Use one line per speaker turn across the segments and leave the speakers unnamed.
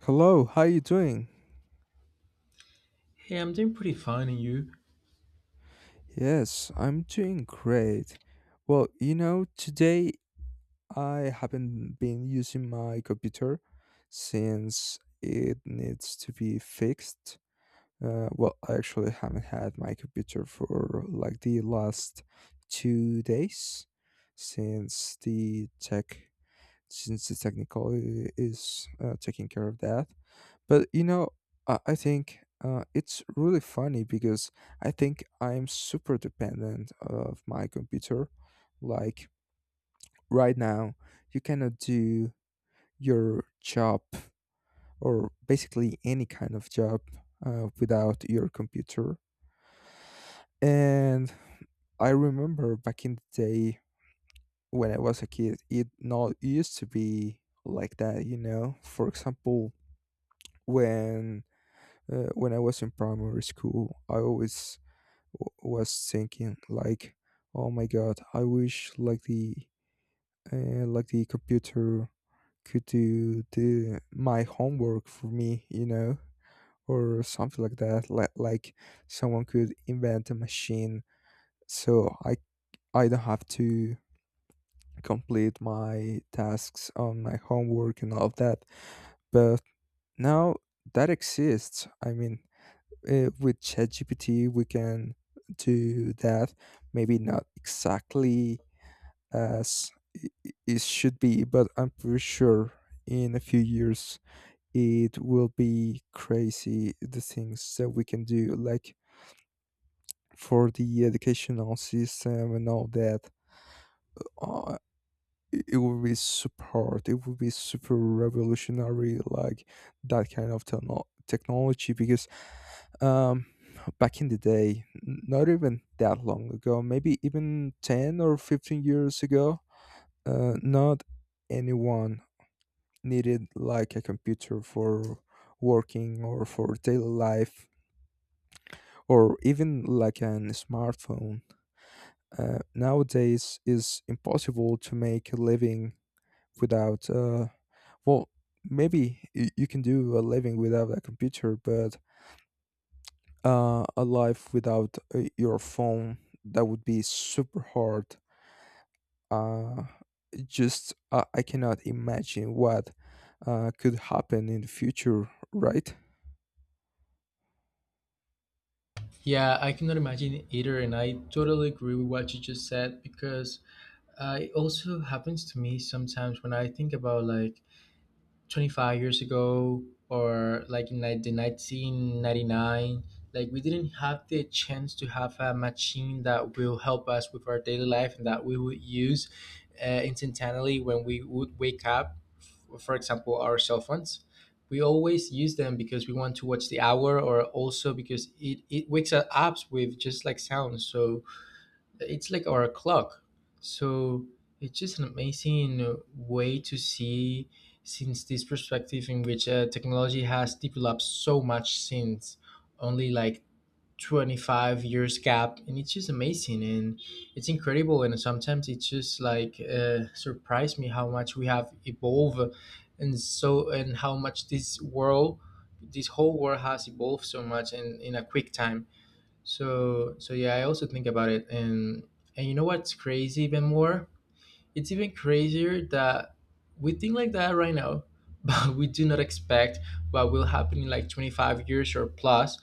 Hello, how you doing?
Hey, I'm doing pretty fine, and you?
Yes, I'm doing great. Well, you know, today I haven't been using my computer since it needs to be fixed. Well, I actually haven't had my computer for like the last 2 days since the tech since the technical is taking care of that. But you know, I think it's really funny because I think I'm super dependent of my computer. Like right now, you cannot do your job or basically any kind of job without your computer. And I remember back in the day when I was a kid, it not used to be like that, you know. For example, when when I was in primary school, I always w- was thinking like, oh my god, I wish like the computer could do the my homework for me, you know, or something like that, like someone could invent a machine so I don't have to complete my tasks on my homework and all of that. But now that exists. With chatgpt we can do that, maybe not exactly as it should be, but I'm pretty sure in a few years it will be crazy the things that we can do, like for the educational system and all that. Uh, it will be super hard. It will be super revolutionary, like that kind of technology, because um, back in the day, not even that long ago, maybe even 10 or 15 years ago, not anyone needed like a computer for working or for daily life or even like an smartphone. Nowadays is impossible to make a living without well maybe you can do a living without a computer, but a life without your phone, that would be super hard. Uh, just I cannot imagine what could happen in the future, right?
Yeah, I cannot imagine either, and I totally agree with what you just said because it also happens to me sometimes when I think about like 25 years ago, or like in like the 1999, like we didn't have the chance to have a machine that will help us with our daily life and that we would use instantaneously when we would wake up for example our cell phones. We always use them because we want to watch the hour, or also because it wakes us up with just like sound, so it's like our clock. So it's just an amazing way to see since this perspective in which technology has developed so much since only like 25 years gap, and it's just amazing and it's incredible, and sometimes it's just like surprised me how much we have evolved and so and how much this world, this whole world, has evolved so much in a quick time. So yeah, I also think about it. And you know what's crazy even more? It's even crazier that we think like that right now, but we do not expect what will happen in like 25 years or plus.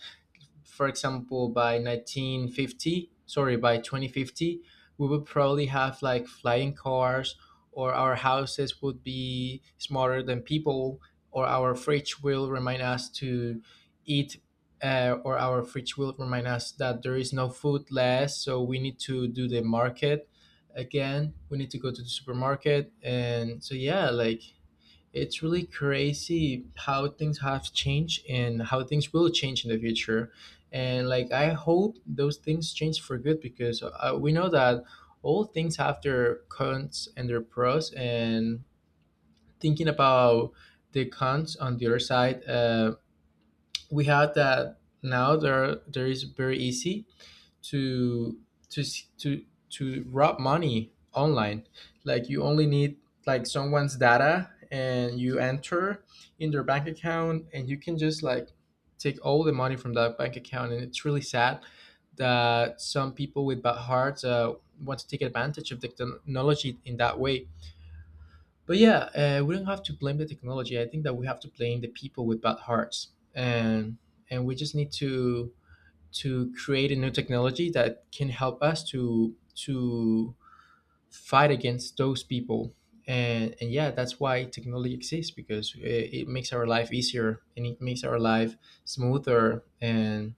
For example, by 1950, sorry, by 2050, we would probably have like flying cars, or our houses would be smarter than people, or our fridge will remind us to eat, or our fridge will remind us that there is no food less, so we need to do the market again. We need to go to the supermarket. And so yeah, like it's really crazy how things have changed and how things will change in the future. And like I hope those things change for good, because we know that all things have their cons and their pros. And thinking about the cons on the other side, we have that now. There is very easy to to s- to rob money online. Like you only need like someone's data, and you enter in their bank account and you can just like take all the money from that bank account. And it's really sad that some people with bad hearts want to take advantage of the technology in that way. But yeah, we don't have to blame the technology. I think that we have to blame the people with bad hearts. And we just need to create a new technology that can help us to fight against those people. And yeah, that's why technology exists, because it makes our life easier and it makes our life smoother. And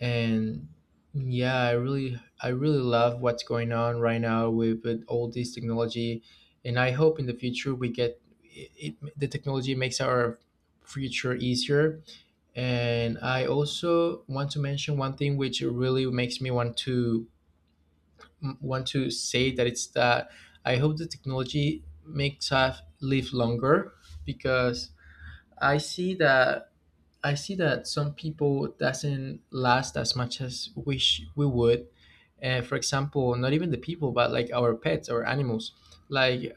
and yeah, I really love what's going on right now with all this technology. And I hope in the future we get it, the technology makes our future easier. And I also want to mention one thing which really makes me want to want to say that it's that I hope the technology makes us live longer. Because i see that I see that some people doesn't last as much as wish we would. For example, not even the people but like our pets or animals. Like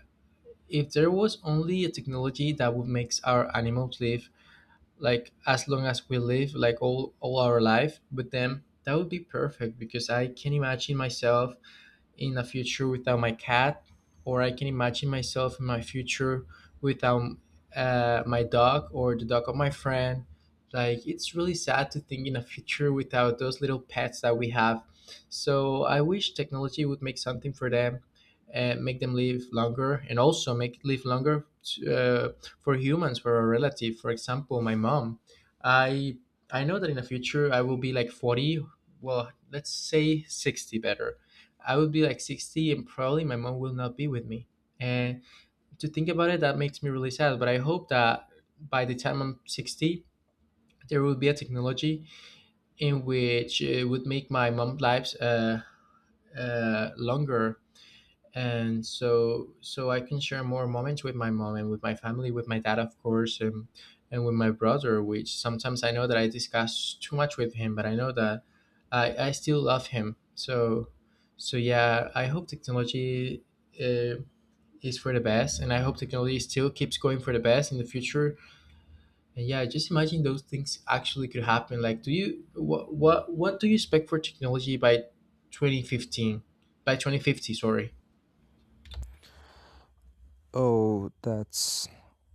if there was only a technology that would make our animals live like as long as we live, like all our life with them, that would be perfect. Because I can imagine myself in the future without my cat, or I can imagine myself in my future without my dog or the dog of my friend. Like it's really sad to think in a future without those little pets that we have. So I wish technology would make something for them and make them live longer, and also make live longer uh, for humans, for a relative. For example, my mom. I I know that in the future I will be like 40. Well, let's say 60 better, I would be like 60 and probably my mom will not be with me. And to think about it, that makes me really sad. But I hope that by the time I'm 60, there will be a technology in which it would make my mom's lives longer. And so I can share more moments with my mom and with my family, with my dad, of course, and with my brother. Which sometimes I know that I discuss too much with him, but I know that I still love him. So yeah, I hope technology uh, is for the best, and I hope technology still keeps going for the best in the future. And yeah, just imagine those things actually could happen. Like, do you what do you expect for technology by 2015? By 2050, sorry.
Oh, that's...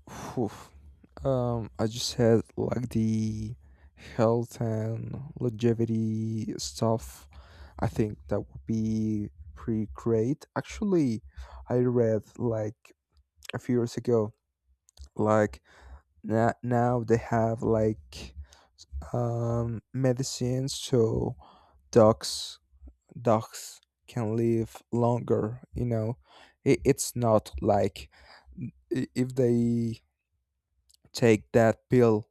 Phew. I just had like the health and longevity stuff. I think that would be pretty great. Actually, I read like a few years ago, like now they have like medicines so dogs dogs can live longer. You know, it's not like if they take that pill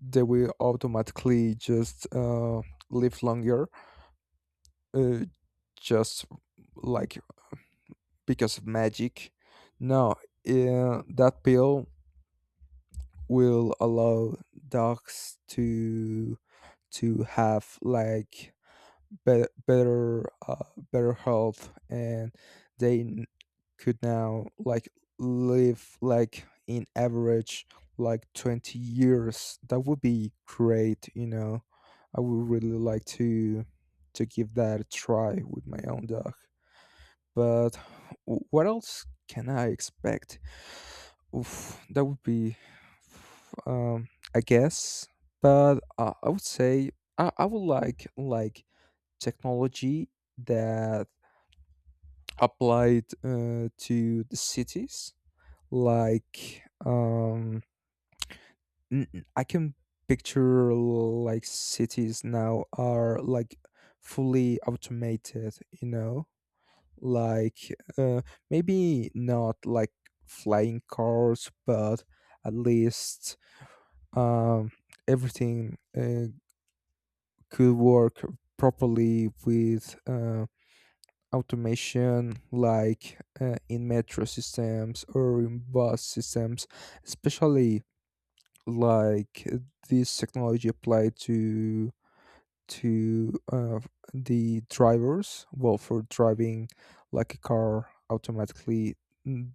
they will automatically just live longer, uh, just like, because of magic. No, that pill will allow dogs to have like better better uh, better health and they n- could now like live like in average like 20 years. That would be great, you know. I would really like to give that a try with my own dog. But what else can I expect? Oof, that would be... um I guess, but I would say I would like technology that applied to the cities, like, I can picture like cities now are like fully automated, you know. Like, maybe not like flying cars, but at least um everything could work properly with automation, like in metro systems or in bus systems, especially like this technology applied to to uh, the drivers, well, for driving like a car automatically. mm,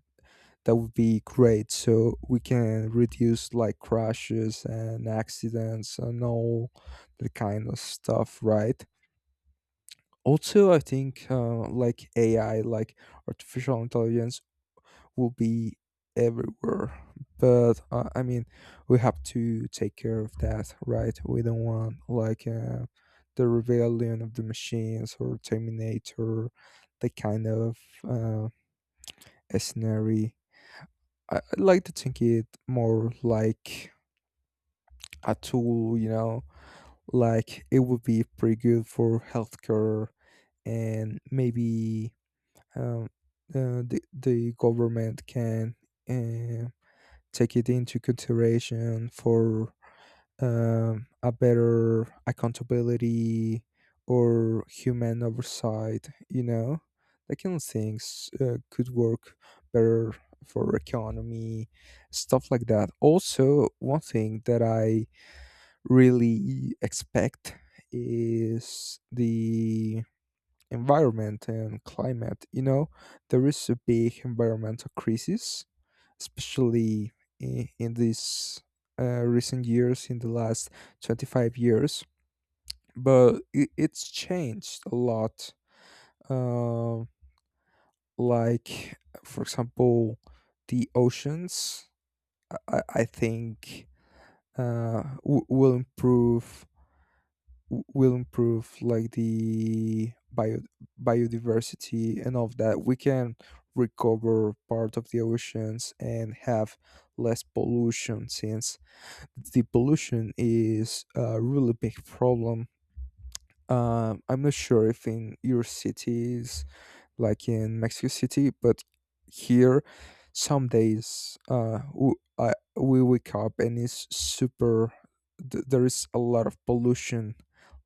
that would be great, so we can reduce like crashes and accidents and all that kind of stuff, right? Also, I think like AI, like artificial intelligence, will be everywhere. But I mean, we have to take care of that, right? We don't want like the rebellion of the machines or Terminator, the kind of uh, a scenario. I like to think it more like a tool, you know, like it would be pretty good for healthcare and maybe um, the government can uh, take it into consideration for a better accountability or human oversight. You know, that kind of things could work better for economy, stuff like that. Also, one thing that I really expect is the environment and climate. You know, there is a big environmental crisis, especially in these recent years, in the last 25 years. But it's changed a lot. Um, like, for example, the oceans, I think, will will improve like the biodiversity and all of that. We can recover part of the oceans and have less pollution, since the pollution is a really big problem. I'm not sure if in your cities, like in Mexico City, but here some days we wake up and it's super, there is a lot of pollution.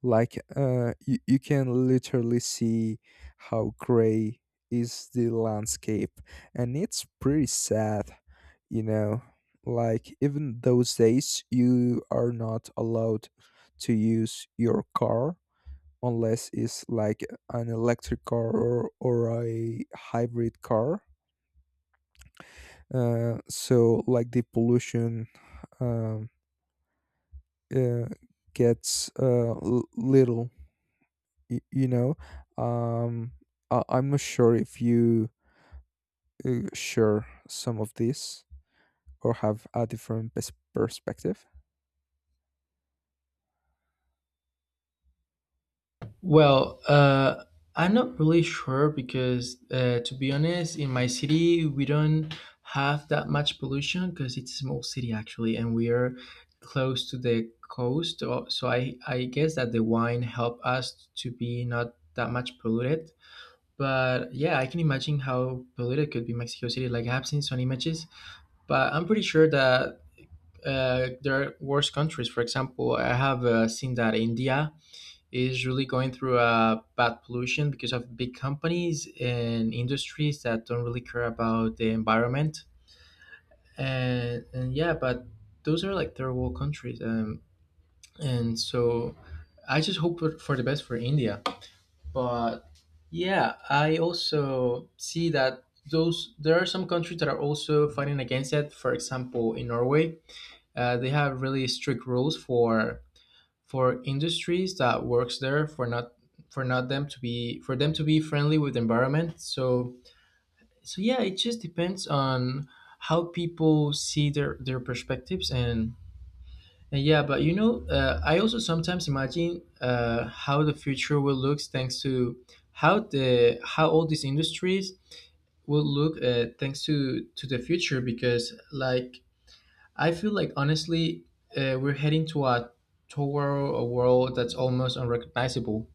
Like, you can literally see how gray is the landscape, and it's pretty sad, you know. Like even those days you are not allowed to use your car unless it's like an electric car, or a hybrid car. So like the pollution um, uh, gets little, you know. Um, I'm not sure if you share some of this, or have a different perspective?
Well, I'm not really sure because, to be honest, in my city we don't have that much pollution because it's a small city actually, and we are close to the coast. So I guess that the wine help us to be not that much polluted. But yeah, I can imagine how polluted could be Mexico City. Like I have seen some images, but I'm pretty sure that there are worse countries. For example, I have seen that India is really going through a bad pollution because of big companies and industries that don't really care about the environment. And, yeah, but those are like third world countries. And so I just hope for the best for India. But yeah, I also see that those there are some countries that are also fighting against it. For example, in Norway, they have really strict rules for industries that works there for not them to be friendly with the environment. So yeah, it just depends on how people see their perspectives. And yeah, but you know, I also sometimes imagine how the future will look thanks to how the how all these industries will look, thanks to the future. Because like I feel like honestly, we're heading to a toward a world that's almost unrecognizable.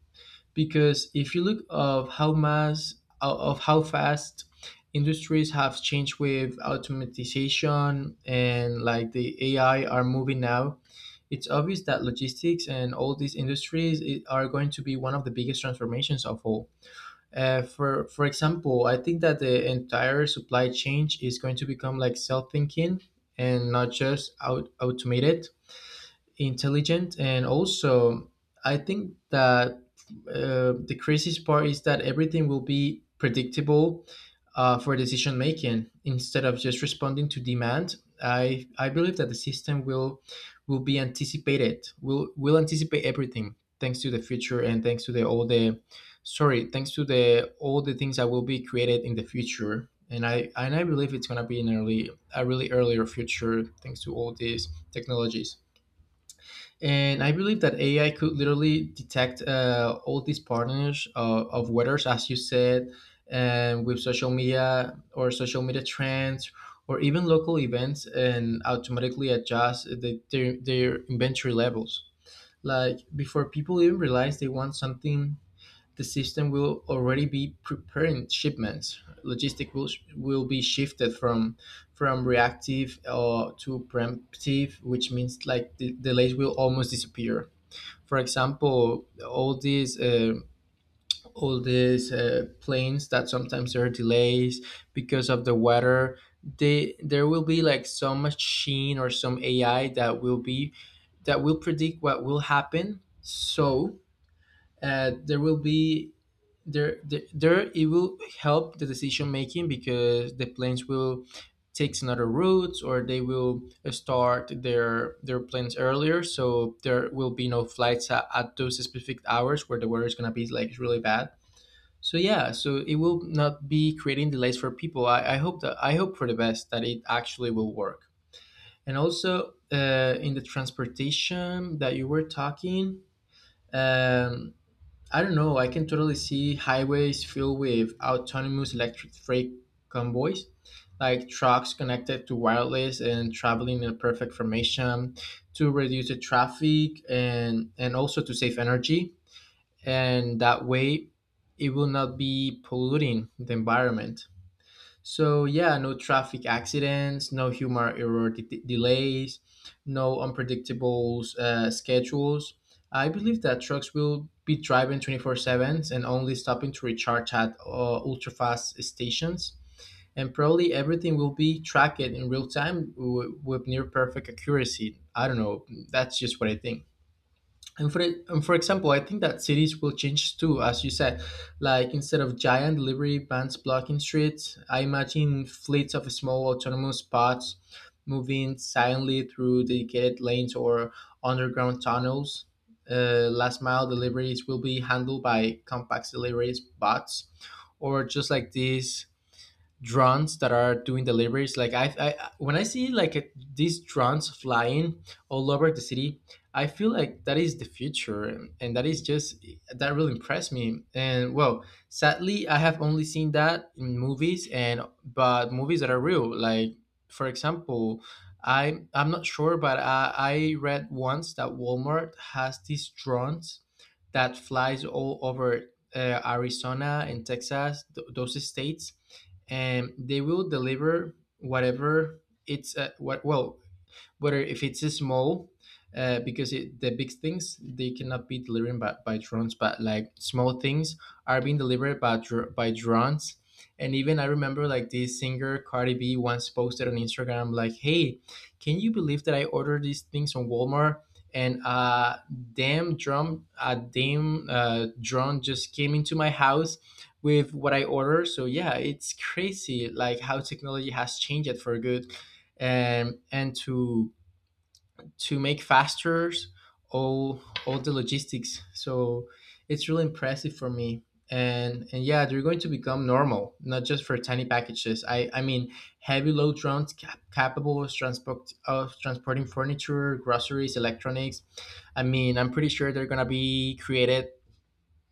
Because if you look of how mass of how fast industries have changed with automatization, and like the AI are moving now, it's obvious that logistics and all these industries are going to be one of the biggest transformations of all. For example, I think that the entire supply chain is going to become like self thinking and not just out automated intelligent. And also I think that the craziest part is that everything will be predictable for decision making instead of just responding to demand. I believe that the system will be anticipated, will anticipate everything thanks to the future, and thanks to the all the, sorry, thanks to the all the things that will be created in the future. And I believe it's going to be in early a really earlier future thanks to all these technologies. And I believe that AI could literally detect all these patterns of weathers, as you said, and with social media or social media trends or even local events, and automatically adjust their inventory levels. Like before people even realize they want something, the system will already be preparing shipments. Logistic will be shifted from reactive to preemptive, which means like the delays will almost disappear. For example, all these planes that sometimes there are delays because of the weather. They There will be like some machine or some AI that will be that will predict what will happen. So there will be there it will help the decision making, because the planes will take another routes, or they will start their planes earlier, so there will be no flights at those specific hours where the weather is going to be like really bad. So yeah, so it will not be creating delays for people. I hope that I hope for the best that it actually will work. And also in the transportation that you were talking, um, I don't know. I can totally see highways filled with autonomous electric freight convoys, like trucks connected to wireless and traveling in perfect formation to reduce the traffic, and, also to save energy. And that way, it will not be polluting the environment. So yeah, no traffic accidents, no humor error delays, no unpredictable schedules. I believe that trucks will be driving 24/7 and only stopping to recharge at ultra fast stations. And probably everything will be tracked in real time with near perfect accuracy. I don't know. That's just what I think. And for example, I think that cities will change too, as you said. Like instead of giant delivery vans blocking streets, I imagine fleets of small autonomous pods moving silently through dedicated lanes or underground tunnels. Last mile deliveries will be handled by compact deliveries bots, or just like these drones that are doing deliveries like I when I see like these drones flying all over the city. I feel like that is the future, and that is just that really impressed me. And well, sadly I have only seen that in movies, and but movies that are real. Like for example, I'm not sure, but I read once that Walmart has these drones that flies all over Arizona and Texas, those states, and they will deliver whatever. It's what well Whether if it's small, the big things they cannot be delivered by, drones, but like small things are being delivered by drones. And even I remember like this singer Cardi B once posted on Instagram like, "Hey, can you believe that I ordered these things on Walmart?" And uh, a damn drone just came into my house with what I ordered. So yeah, it's crazy like how technology has changed it for good, and to make faster all all the logistics. So it's really impressive for me. And yeah, they're going to become normal, not just for tiny packages. I mean, heavy load drones capable of transporting furniture, groceries, electronics. I mean, I'm pretty sure they're gonna be created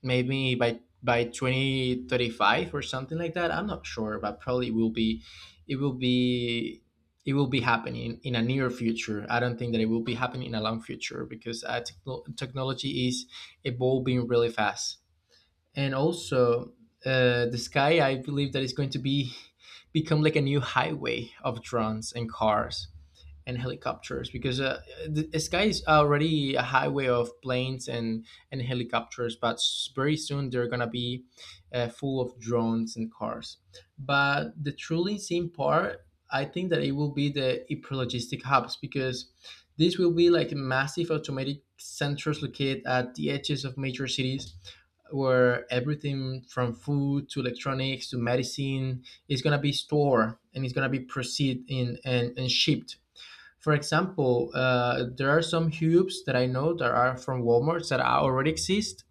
maybe by 2035 or something like that. I'm not sure, but probably will be, it will be it will be happening in a near future. I don't think that it will be happening in a long future, because technology is evolving really fast. And also, the sky, I believe that, is going to be become like a new highway of drones and cars and helicopters. Because the sky is already a highway of planes and helicopters, very soon they're gonna be full of drones and cars. But the truly insane part, I think that it will be the hyperlogistic hubs, because this will be like massive automatic centers located at the edges of major cities, where everything from food to electronics to medicine is going to be stored and it's going to be proceed in and shipped. For example, there are some hubs that I know that are from Walmart that are- already exist,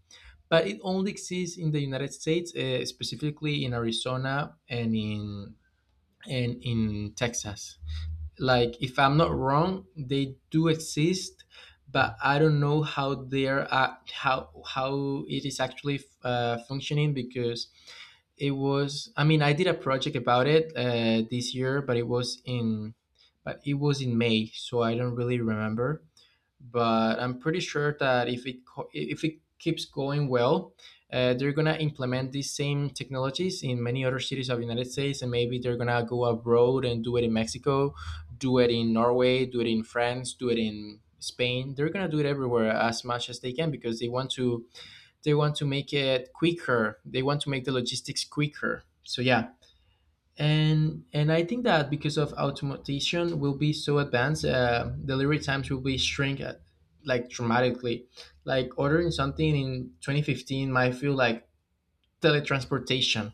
but it only exists in the United States, specifically in Arizona and in Texas. Like, if I'm not wrong, they do exist, but I don't know how they're how it is actually functioning. Because it was I mean I did a project about it this year, but it was in but it was in May, so I don't really remember. But I'm pretty sure that if it keeps going well, they're gonna implement these same technologies in many other cities of the United States, and maybe they're gonna go abroad and do it in Mexico, do it in Norway, do it in France, do it in Spain. They're gonna do it everywhere as much as they can, because they want to make it quicker. They want to make the logistics quicker. So yeah, and I think that because of automation will be so advanced, delivery times will be shrink like dramatically. Like ordering something in 2015 might feel like teletransportation.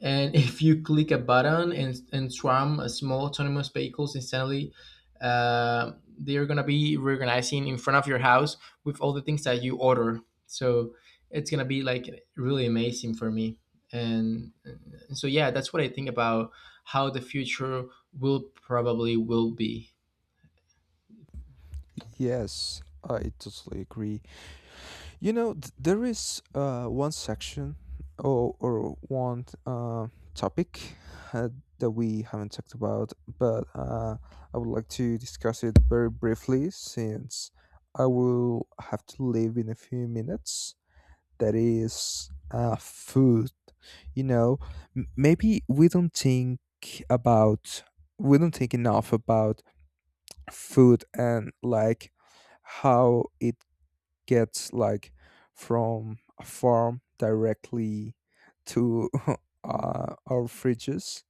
And if you click a button, and swarm small autonomous vehicles instantly, uh, they're going to be reorganizing in front of your house with all the things that you order. So it's going to be like really amazing for me. Yeah, that's what I think about how the future will probably will be.
Yes, I totally agree. You know, there is one section, or one topic uh, that we haven't talked about, but I would like to discuss it very briefly, since I will have to leave in a few minutes. That is food. You know, maybe we don't about, we don't think enough about food, and like how it gets like from a farm directly to our fridges.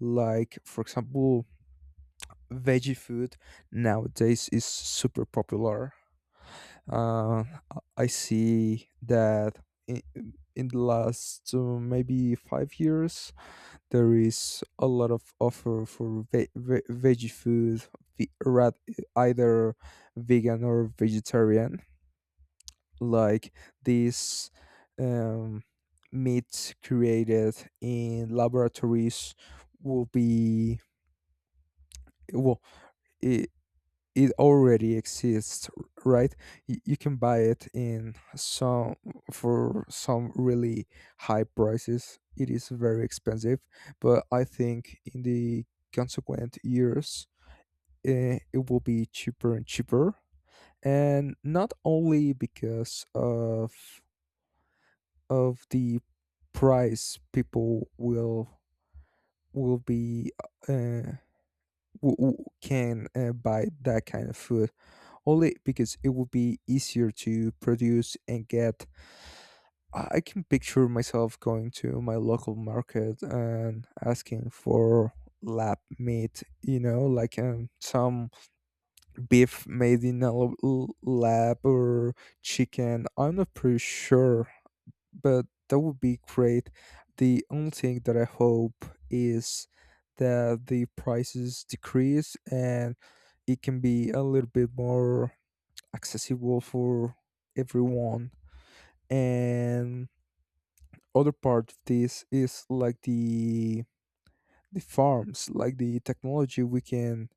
Like, for example, veggie food nowadays is super popular. Uh, I see that in, in the last maybe 5 years, there is a lot of offer for veggie food, ve- ra- either vegan or vegetarian. Like these um, meat created in laboratories will be, well, it, it already exists, right? You can buy it in some, for some really high prices. It is very expensive, but I think in the consequent years, it will be cheaper and cheaper. And not only because of the price, people will be, uh, can buy that kind of food only because it will be easier to produce and get. I can picture myself going to my local market and asking for lab meat, you know, like some beef made in a lab, or chicken, I'm not pretty sure, but that would be great. The only thing that I hope is that the prices decrease and it can be a little bit more accessible for everyone. And other part of this is like the farms, like the technology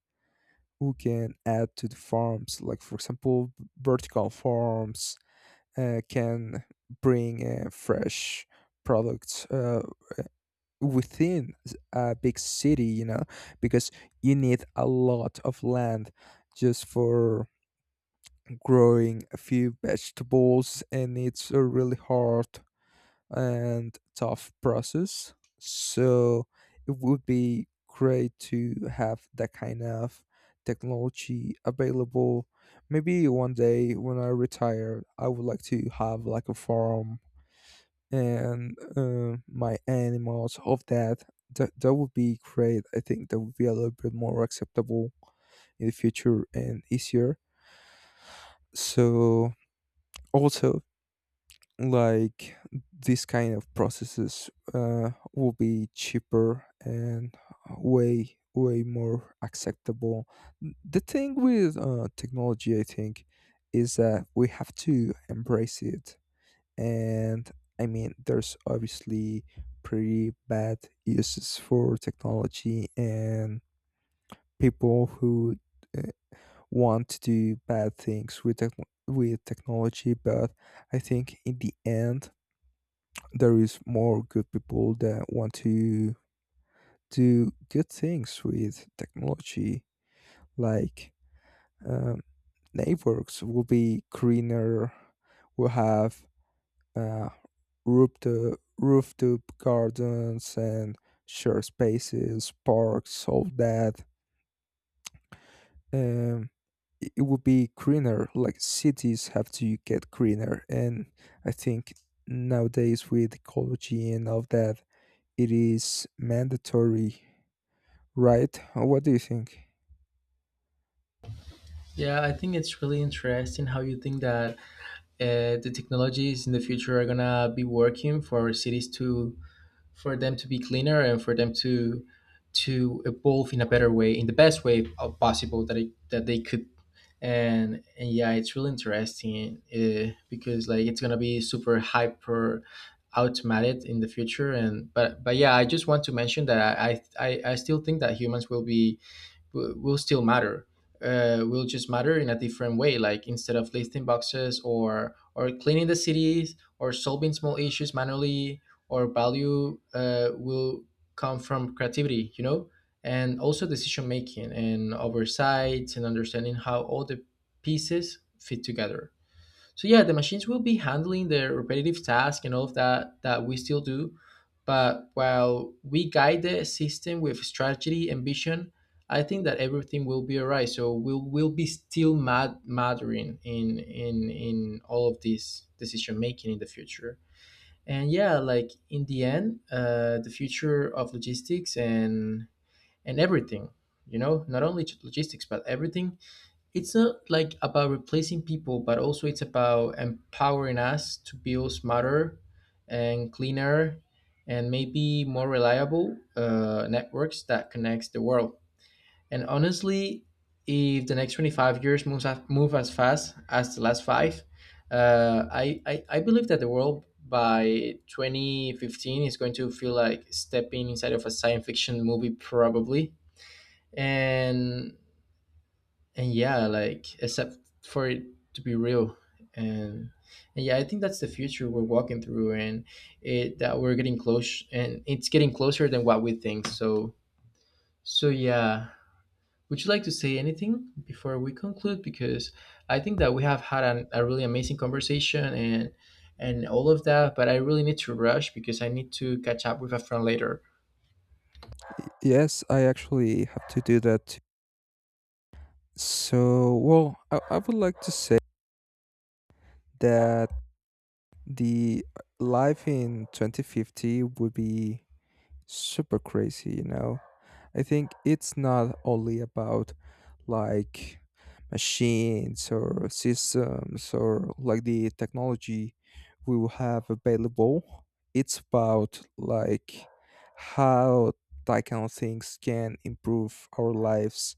we can add to the farms. Like, for example, vertical farms can bring fresh products within a big city, you know, because you need a lot of land just for growing a few vegetables, and it's a really hard and tough process. So it would be great to have that kind of technology available. Maybe one day when I retire I would like to have like a farm and my animals of that. That would be great. I think that would be a little bit more acceptable in the future and easier. So also like these kind of processes will be cheaper and way more acceptable. The thing with technology I think is that we have to embrace it. And I mean, there's obviously pretty bad uses for technology and people who uh, want to do bad things with techn with technology, but I think in the end there is more good people that want to do good things with technology. Like um, networks will be greener, will have uh, rooftop gardens and shared spaces, parks, so that um, it would be greener. Like cities have to get greener, and I think nowadays with ecology and all that, it is mandatory, right? What do you think?
Yeah, I think it's really interesting how you think that the technologies in the future are gonna be working for cities to for them to be cleaner, and for them to evolve in a better way, in the best way possible that that they could. And yeah, it's really interesting because like it's gonna be super hyper automated in the future. And but yeah, I just want to mention that I still think that humans will be will still matter, will just matter in a different way. Like instead of lifting boxes, or cleaning the cities, or solving small issues manually, or value, will come from creativity, you know. And also decision making and oversight, and understanding how all the pieces fit together. So yeah, the machines will be handling the repetitive task and all of that that we still do, but while we guide the system with strategy and vision, I think that everything will be all right. So we'll be still mattering in all of this decision making in the future. And yeah, like in the end, the future of logistics and everything, you know, not only just logistics but everything, it's not like about replacing people, but also it's about empowering us to build smarter and cleaner and maybe more reliable networks that connects the world. And honestly, if the next 25 years move as fast as the last five, I believe that the world by 2015 is going to feel like stepping inside of a science fiction movie, probably. And and yeah, like except for it to be real. And and yeah, I think that's the future we're walking through, and it that we're getting close, and it's getting closer than what we think. So yeah, would you like to say anything before we conclude? Because I think that we have had a really amazing conversation and all of that, but I really need to rush because I need to catch up with a friend later.
Yes, I actually have to do that too. So, well, I would like to say that the life in 2050 would be super crazy, you know. I think it's not only about like machines or systems or like the technology we will have available. It's about like how that kind of things can improve our lives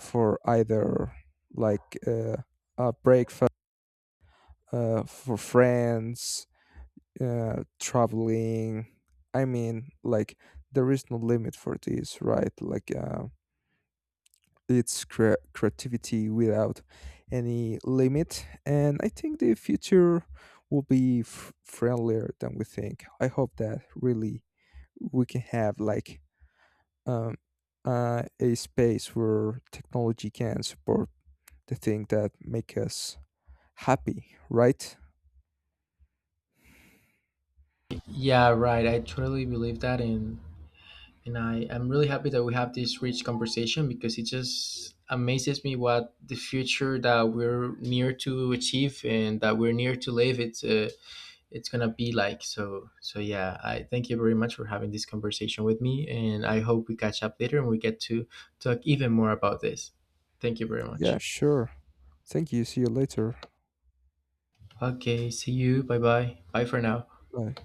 for either like a breakfast, for friends, traveling. I mean, like there is no limit for this, right? Like it's creativity without any limit, and I think the future will be friendlier than we think. I hope that really we can have like um, a space where technology can support the thing that make us happy, right?
Yeah, right, I totally believe that. And I am really happy that we have this rich conversation, because it just amazes me what the future that we're near to achieve and that we're near to live. It's gonna be like, so yeah. I thank you very much for having this conversation with me, and I hope we catch up later and we get to talk even more about this. Thank you very
Yeah,
much.
sure. Thank you. See you later.
Okay, see you. Bye bye. Bye for now.
Bye.